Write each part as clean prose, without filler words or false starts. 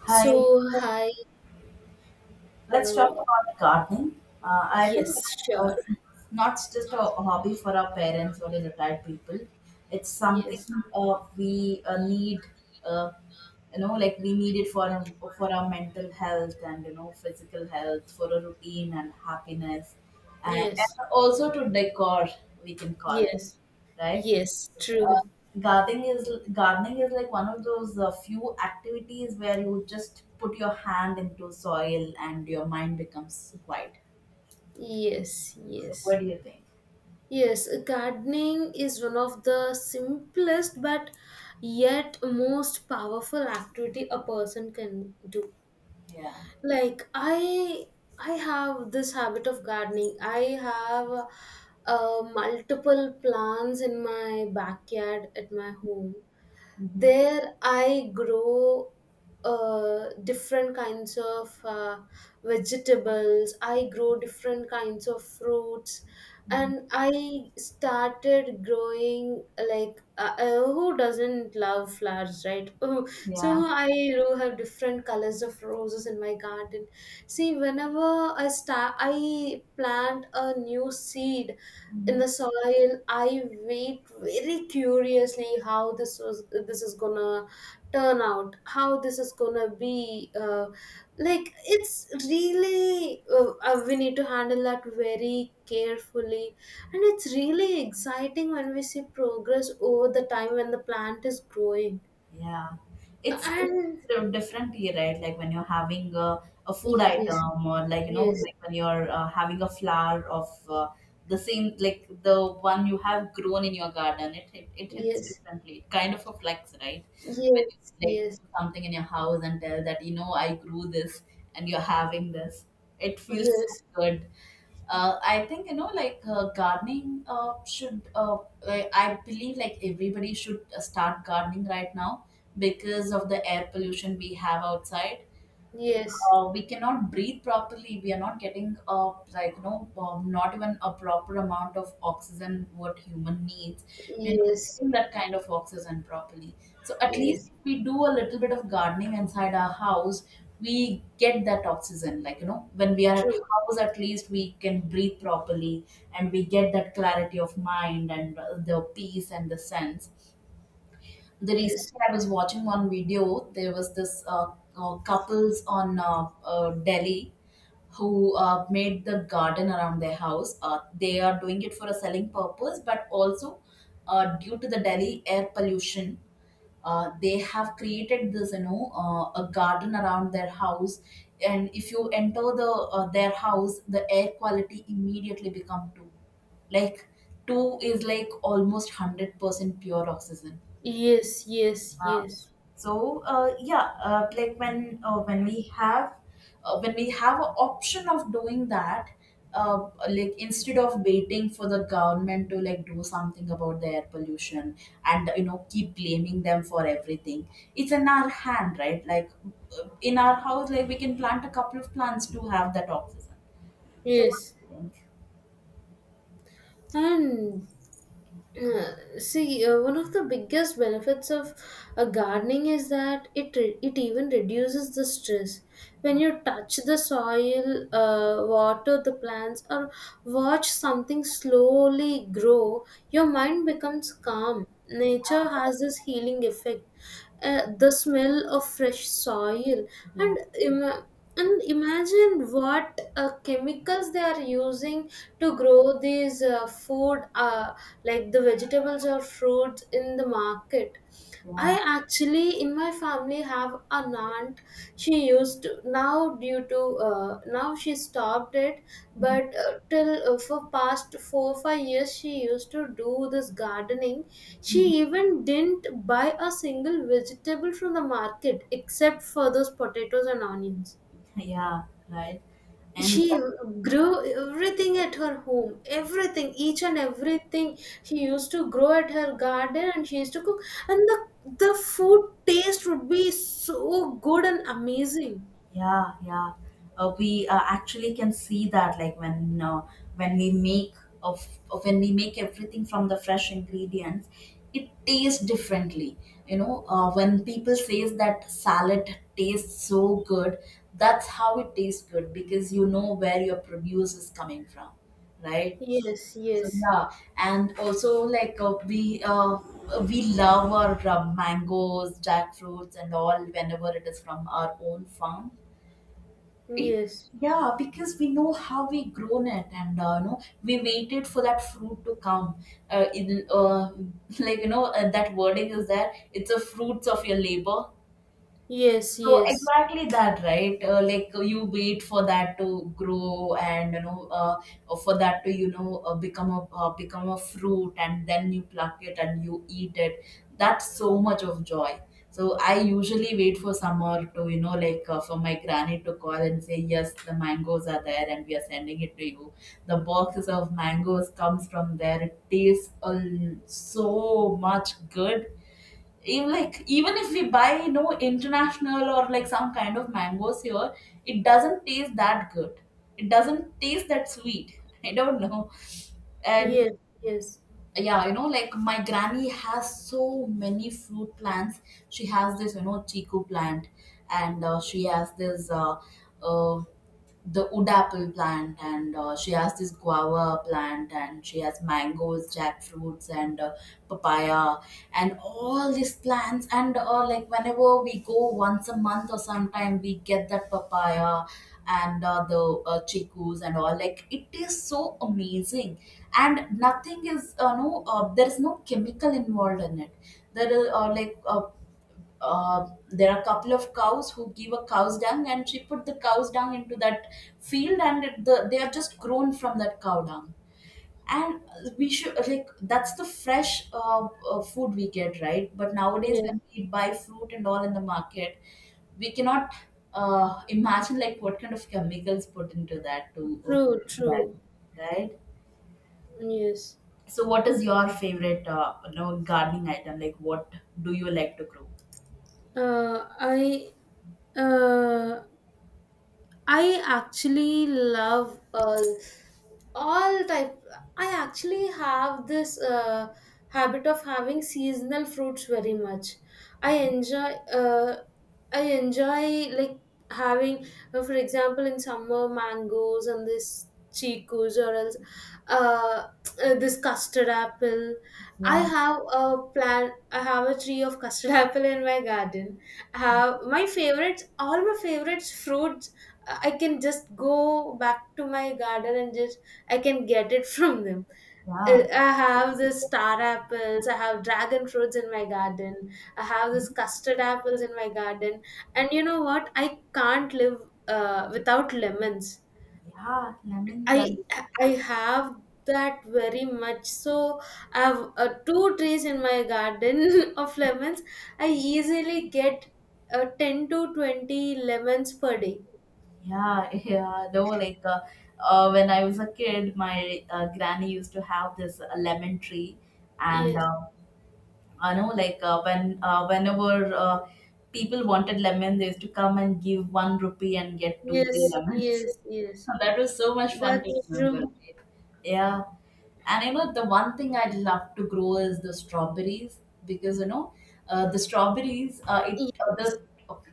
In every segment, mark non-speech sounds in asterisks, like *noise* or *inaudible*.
Hi, So, hi. let's talk Uh, about gardening. I think yes, sure. it's not just a hobby for our parents or the retired people. It's Yes, something we need, uh, you know, like we need it for our mental health and you know physical health, for a routine and happiness, and yes, also to decor, we can call it, yes, right? yes, uh, true. gardening is like one of those few activities where you just put your hand into soil and your mind becomes quiet. Yes, So yes. what do you think? Yes, gardening is one of the simplest but yet most powerful activity a person can do. Yeah. Like I have this habit of gardening. I have multiple plants in my backyard at my home. Mhm. There I grow different kinds of vegetables. I grow different kinds of fruits, Mhm. and I started growing, like, who doesn't love flowers, right? *laughs* Oh, so Yeah. I do have different colors of roses in my garden. See, whenever I start, I plant a new seed in Mm-hmm. the soil. I wait very curiously how this is gonna turn out, how this is gonna be. Like it's really, we need to handle that very carefully, and it's really exciting when we see progress over the time when the plant is growing. Yeah, it's And it's a different tea, right? Like when you're having a food yes, item, or like you know, yes, like when you're having a flower of the same, like the one you have grown in your garden. It hits yes, differently. It kind of a flex, right? When yes, you like yes, do something in your house and tell that you know I grew this and you're having this, it feels so yes, good. I think you know, like gardening should. I believe like everybody should start gardening right now because of the air pollution we have outside. yes, We cannot breathe properly. We are not getting like you know not even a proper amount of oxygen what human needs. We are not yes, getting that kind of oxygen properly. So at least yes, if we do a little bit of gardening inside our house, we get that oxygen. Like you know when we are at true. house, at least we can breathe properly, and we get that clarity of mind and the peace and the sense the Yes, recently I was watching one video. There was this couples on Delhi who made the garden around their house. They are doing it for a selling purpose, but also due to the Delhi air pollution, they have created this, you know, a garden around their house. And if you enter the their house, the air quality immediately become two. Like two is like almost 100% pure oxygen. yes, yes, Uh, yes, so yeah, like when we have when we have an option of doing that, like instead of waiting for the government to like do something about the air pollution and you know keep blaming them for everything, it's in our hand, right? Like in our house, like we can plant a couple of plants to have that oxygen. So what yes. do you think? And see, one of the biggest benefits of gardening is that it even reduces the stress. When you touch the soil, water the plants, or watch something slowly grow, your mind becomes calm. Nature has this healing effect. The smell of fresh soil, Yeah, and and imagine what chemicals they are using to grow these food, like the vegetables or fruits in the market. I yeah. actually in my family have a aunt. She used to, now due to, now she stopped it, but till, for past 4 5 years she used to do this gardening. Mhm. She even didn't buy a single vegetable from the market except for those potatoes and onions. Yeah, right. And She grew everything at her home, everything, each and everything she used to grow at her garden, and she used to cook, and the food taste would be so good and amazing. yeah, yeah. We actually can see that, like when we make of when we make everything from the fresh ingredients, it tastes differently. You know, when people says that salad tastes so good, that's how it tastes good because you know where your produce is coming from, right? Yes, So yes, yeah, and also like we love our mangoes, jackfruits, and all whenever it is from our own farm it. yes, Yeah, because we know how we grown it and you know we waited for that fruit to come in *laughs* like you know that wording is there, it's the fruits of your labor, yes, so yes, exactly that, right? Like you wait for that to grow, and you know, for that to you know become a become a fruit, and then you pluck it and you eat it. That's so much of joy. So I usually wait for summer to you know like for my granny to call and say yes, the mangoes are there, and we are sending it to you. The boxes of mangoes comes from there. It tastes so much good, even like even if we buy you know international or like some kind of mangoes here, it doesn't taste that good, it doesn't taste that sweet. *laughs* I don't know. And yes, yes, yeah, you know like my granny has so many fruit plants. She has this you know chiku plant, and she has this uh, the wood apple plant, and she has this guava plant, and she has mangoes, jackfruits and papaya and all these plants, and like whenever we go once a month or sometime we get that papaya and the chikus and all, like it is so amazing. And nothing is there is no chemical involved in it. There is there are a couple of cows who give a cow's dung and she put the cow's dung into that field, and they are just grown from that cow dung. And we should like that's the fresh food we get, right? But nowadays yes. when we buy fruit and all in the market, we cannot imagine like what kind of chemicals put into that to True, that, true. right? Yes. So what is your favorite you know gardening item, like what do you like to grow? Uh, I uh, I actually love all type. I actually have this habit of having seasonal fruits very much. i Yeah, enjoy uh, i enjoy like, having, for example, in summer, mangoes and this chicos, or else uh, this custard apple. Yeah, I have a tree of custard *laughs* apple in my garden. I have my favorites all my favorites fruits, I can just go back to my garden and just I can get it from them. Yeah. I have the star apples, I have dragon fruits in my garden, I have this custard apples in my garden, and you know what? I can't live without lemons. Yeah, lemon I well. I have that very much. So I have two trees in my garden *laughs* of lemons. I easily get 10 to 20 lemons per day. Yeah, *laughs* yeah. Though, like, when I was a kid, my granny used to have this lemon tree, and Yes, I know, like, whenever people wanted lemon, they used to come and give 1 rupee and get two, three yes, lemons. yes, *laughs* yes. That was so much fun to That's remember, true. right? Yeah. And you know, the one thing I'd love to grow is the strawberries, because you know, the strawberries, it the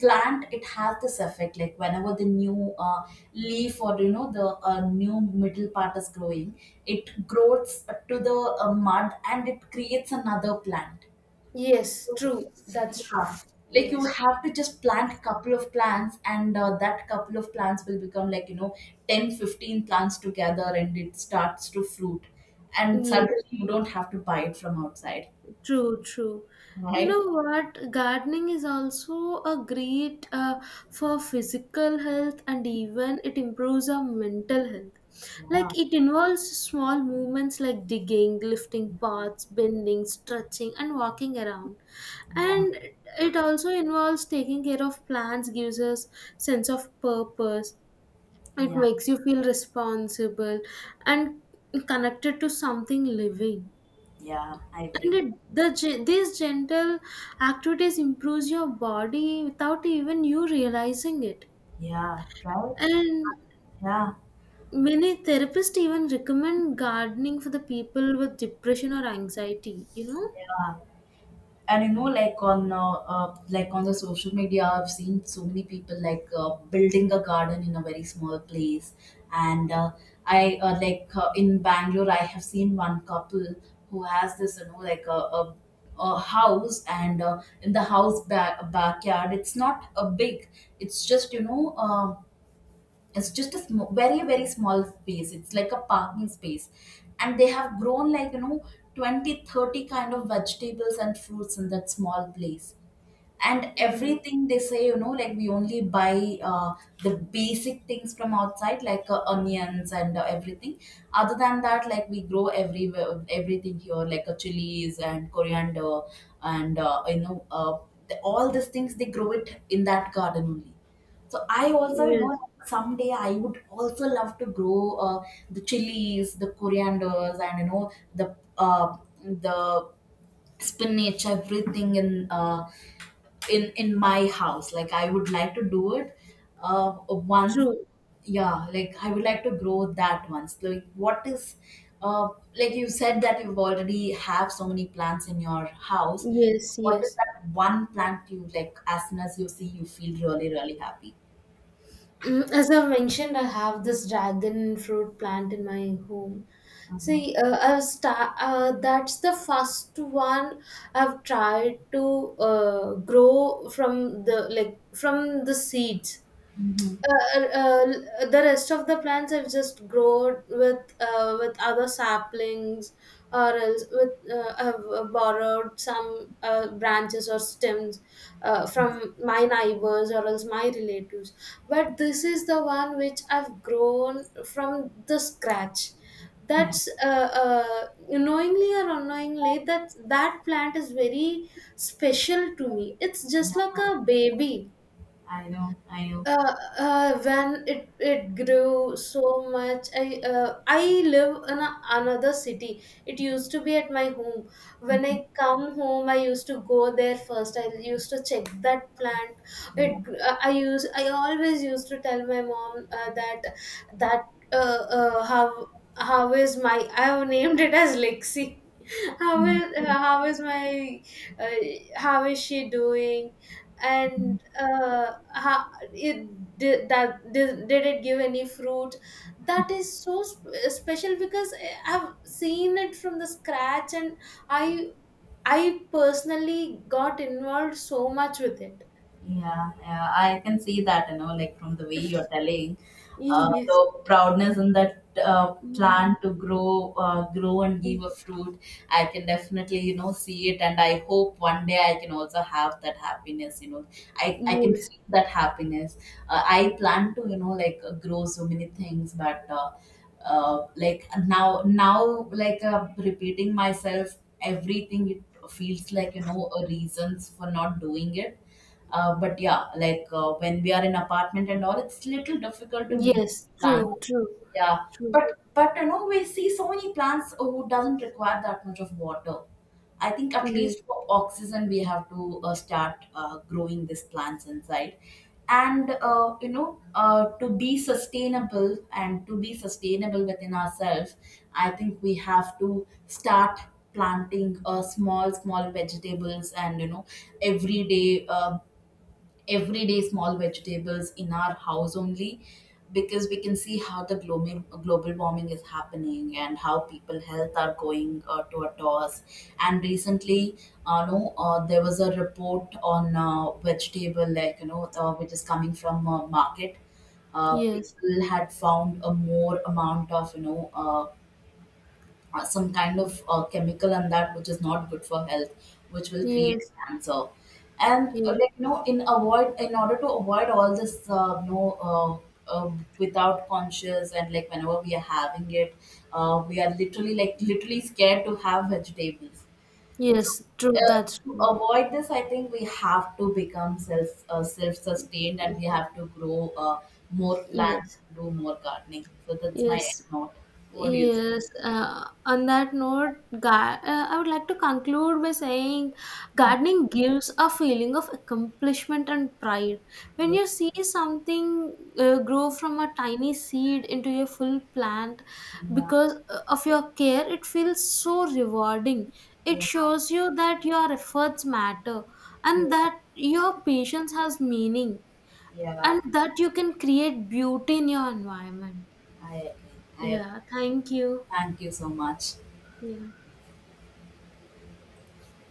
plant, it has this effect like whenever the new leaf or you know the new middle part is growing, it grows to the mud and it creates another plant. Yes, So true. it's That's true. yeah, like you Yes. have to just plant couple of plants, and that couple of plants will become like you know 10, 15 plants together, and it starts to fruit, and suddenly Yes, you don't have to buy it from outside, true, true. You right? know what? Gardening is also a great, for physical health, and even it improves our mental health. Yeah, Like it involves small movements like digging, lifting pots, bending, stretching, and walking around. yeah, And it also involves taking care of plants, gives us sense of purpose. It yeah, makes you feel responsible and connected to something living. yeah, I And agree. These gentle activities improves your body without even you realizing it. Yeah, right? And Yeah, many therapists even recommend gardening for the people with depression or anxiety, you know? yeah. And you know like on the social media, I've seen so many people like building a garden in a very small place. And I like in Bangalore I have seen one couple who has this you know like a house, and in the house backyard, it's not a big, it's just you know uh, it's just a small, very very small space, it's like a parking space, and they have grown like you know 20 30 kind of vegetables and fruits in that small place. And Mm. everything they say, you know, like we only buy the basic things from outside like onions and everything. Other than that, like we grow everywhere everything here like chilies and coriander and you know all these things they grow it in that garden only. So I also, you Yes, know, someday I would also love to grow the chilies, the corianders, and you know the spinach, everything in in my house, like I would like to do it once. true. Yeah, like I would like to grow that once. Like what is uh, like you said that you've already have so many plants in your house, Yes, what is yes. that one plant you like as soon as you see you feel really really happy? As I mentioned, I have this dragon fruit plant in my home. Uh-huh. See, that's the first one I've tried to grow from the like from the seeds. Mm-hmm. The rest of the plants have just grown with with other saplings, or else with have borrowed some branches or stems from my neighbors or else my relatives. But this is the one which I've grown from the scratch. Yeah. That's, knowingly or unknowingly, that that plant is very special to me. It's just like Yeah, a baby. I know, I know. When it grew so much, I live in another city. It used to be at my home. When I come home, I used to go there first, I used to check that plant. It gr- uh, i use i always used to tell my mom, that, that uh, uh, how how is my— I have named it as Lexi— how is how is my uh, how is she doing, and how, it did that did it give any fruit? That is so special because I've seen it from the scratch, and i I personally got involved so much with it. Yeah, yeah, I can see that, you know, like from the way you're telling, Yes. the proudness in that plant Y- to grow, grow and give y- a fruit. I can definitely, you know, see it, and I hope one day I can also have that happiness. You know, I can yes feel that happiness. I plan to, you know, like grow so many things, but like now like repeating myself, everything it feels like you know a reasons for not doing it. But yeah, like when we are in apartment and all, it's little difficult to meet yes, plants. true, true, Yeah, true, but you know we see so many plants who doesn't require that much of water. I think at yes, least for oxygen we have to start growing these plants inside, and you know to be sustainable and to be sustainable within ourselves, I think we have to start planting small small vegetables and you know every day everyday small vegetables in our house only, because we can see how the global warming is happening and how people health are going to a toss. And recently no, there was a report on vegetable like you know which is coming from market. Yes, People had found a more amount of you know some kind of chemical and that which is not good for health, which will create yes, cancer. And yes, like you know, in order to avoid all this, you know, uh, uh, without conscious, and like whenever we are having it, we are literally literally scared to have vegetables. yes, true, that's To true. avoid this, I think we have to become self sustained, and we have to grow more plants, Yes, do more gardening. So that's my end yes, note. What do you yes. On that note, I would like to conclude by saying gardening gives a feeling of accomplishment and pride. When think? you see something grow from a tiny seed into a full plant Yeah. because, of your care, it feels so rewarding. It Yeah. shows you that your efforts matter, Yeah, and that your patience has meaning, yeah, and that you can create beauty in your environment. I agree. I ag- Yeah, thank you. thank you so much. Yeah.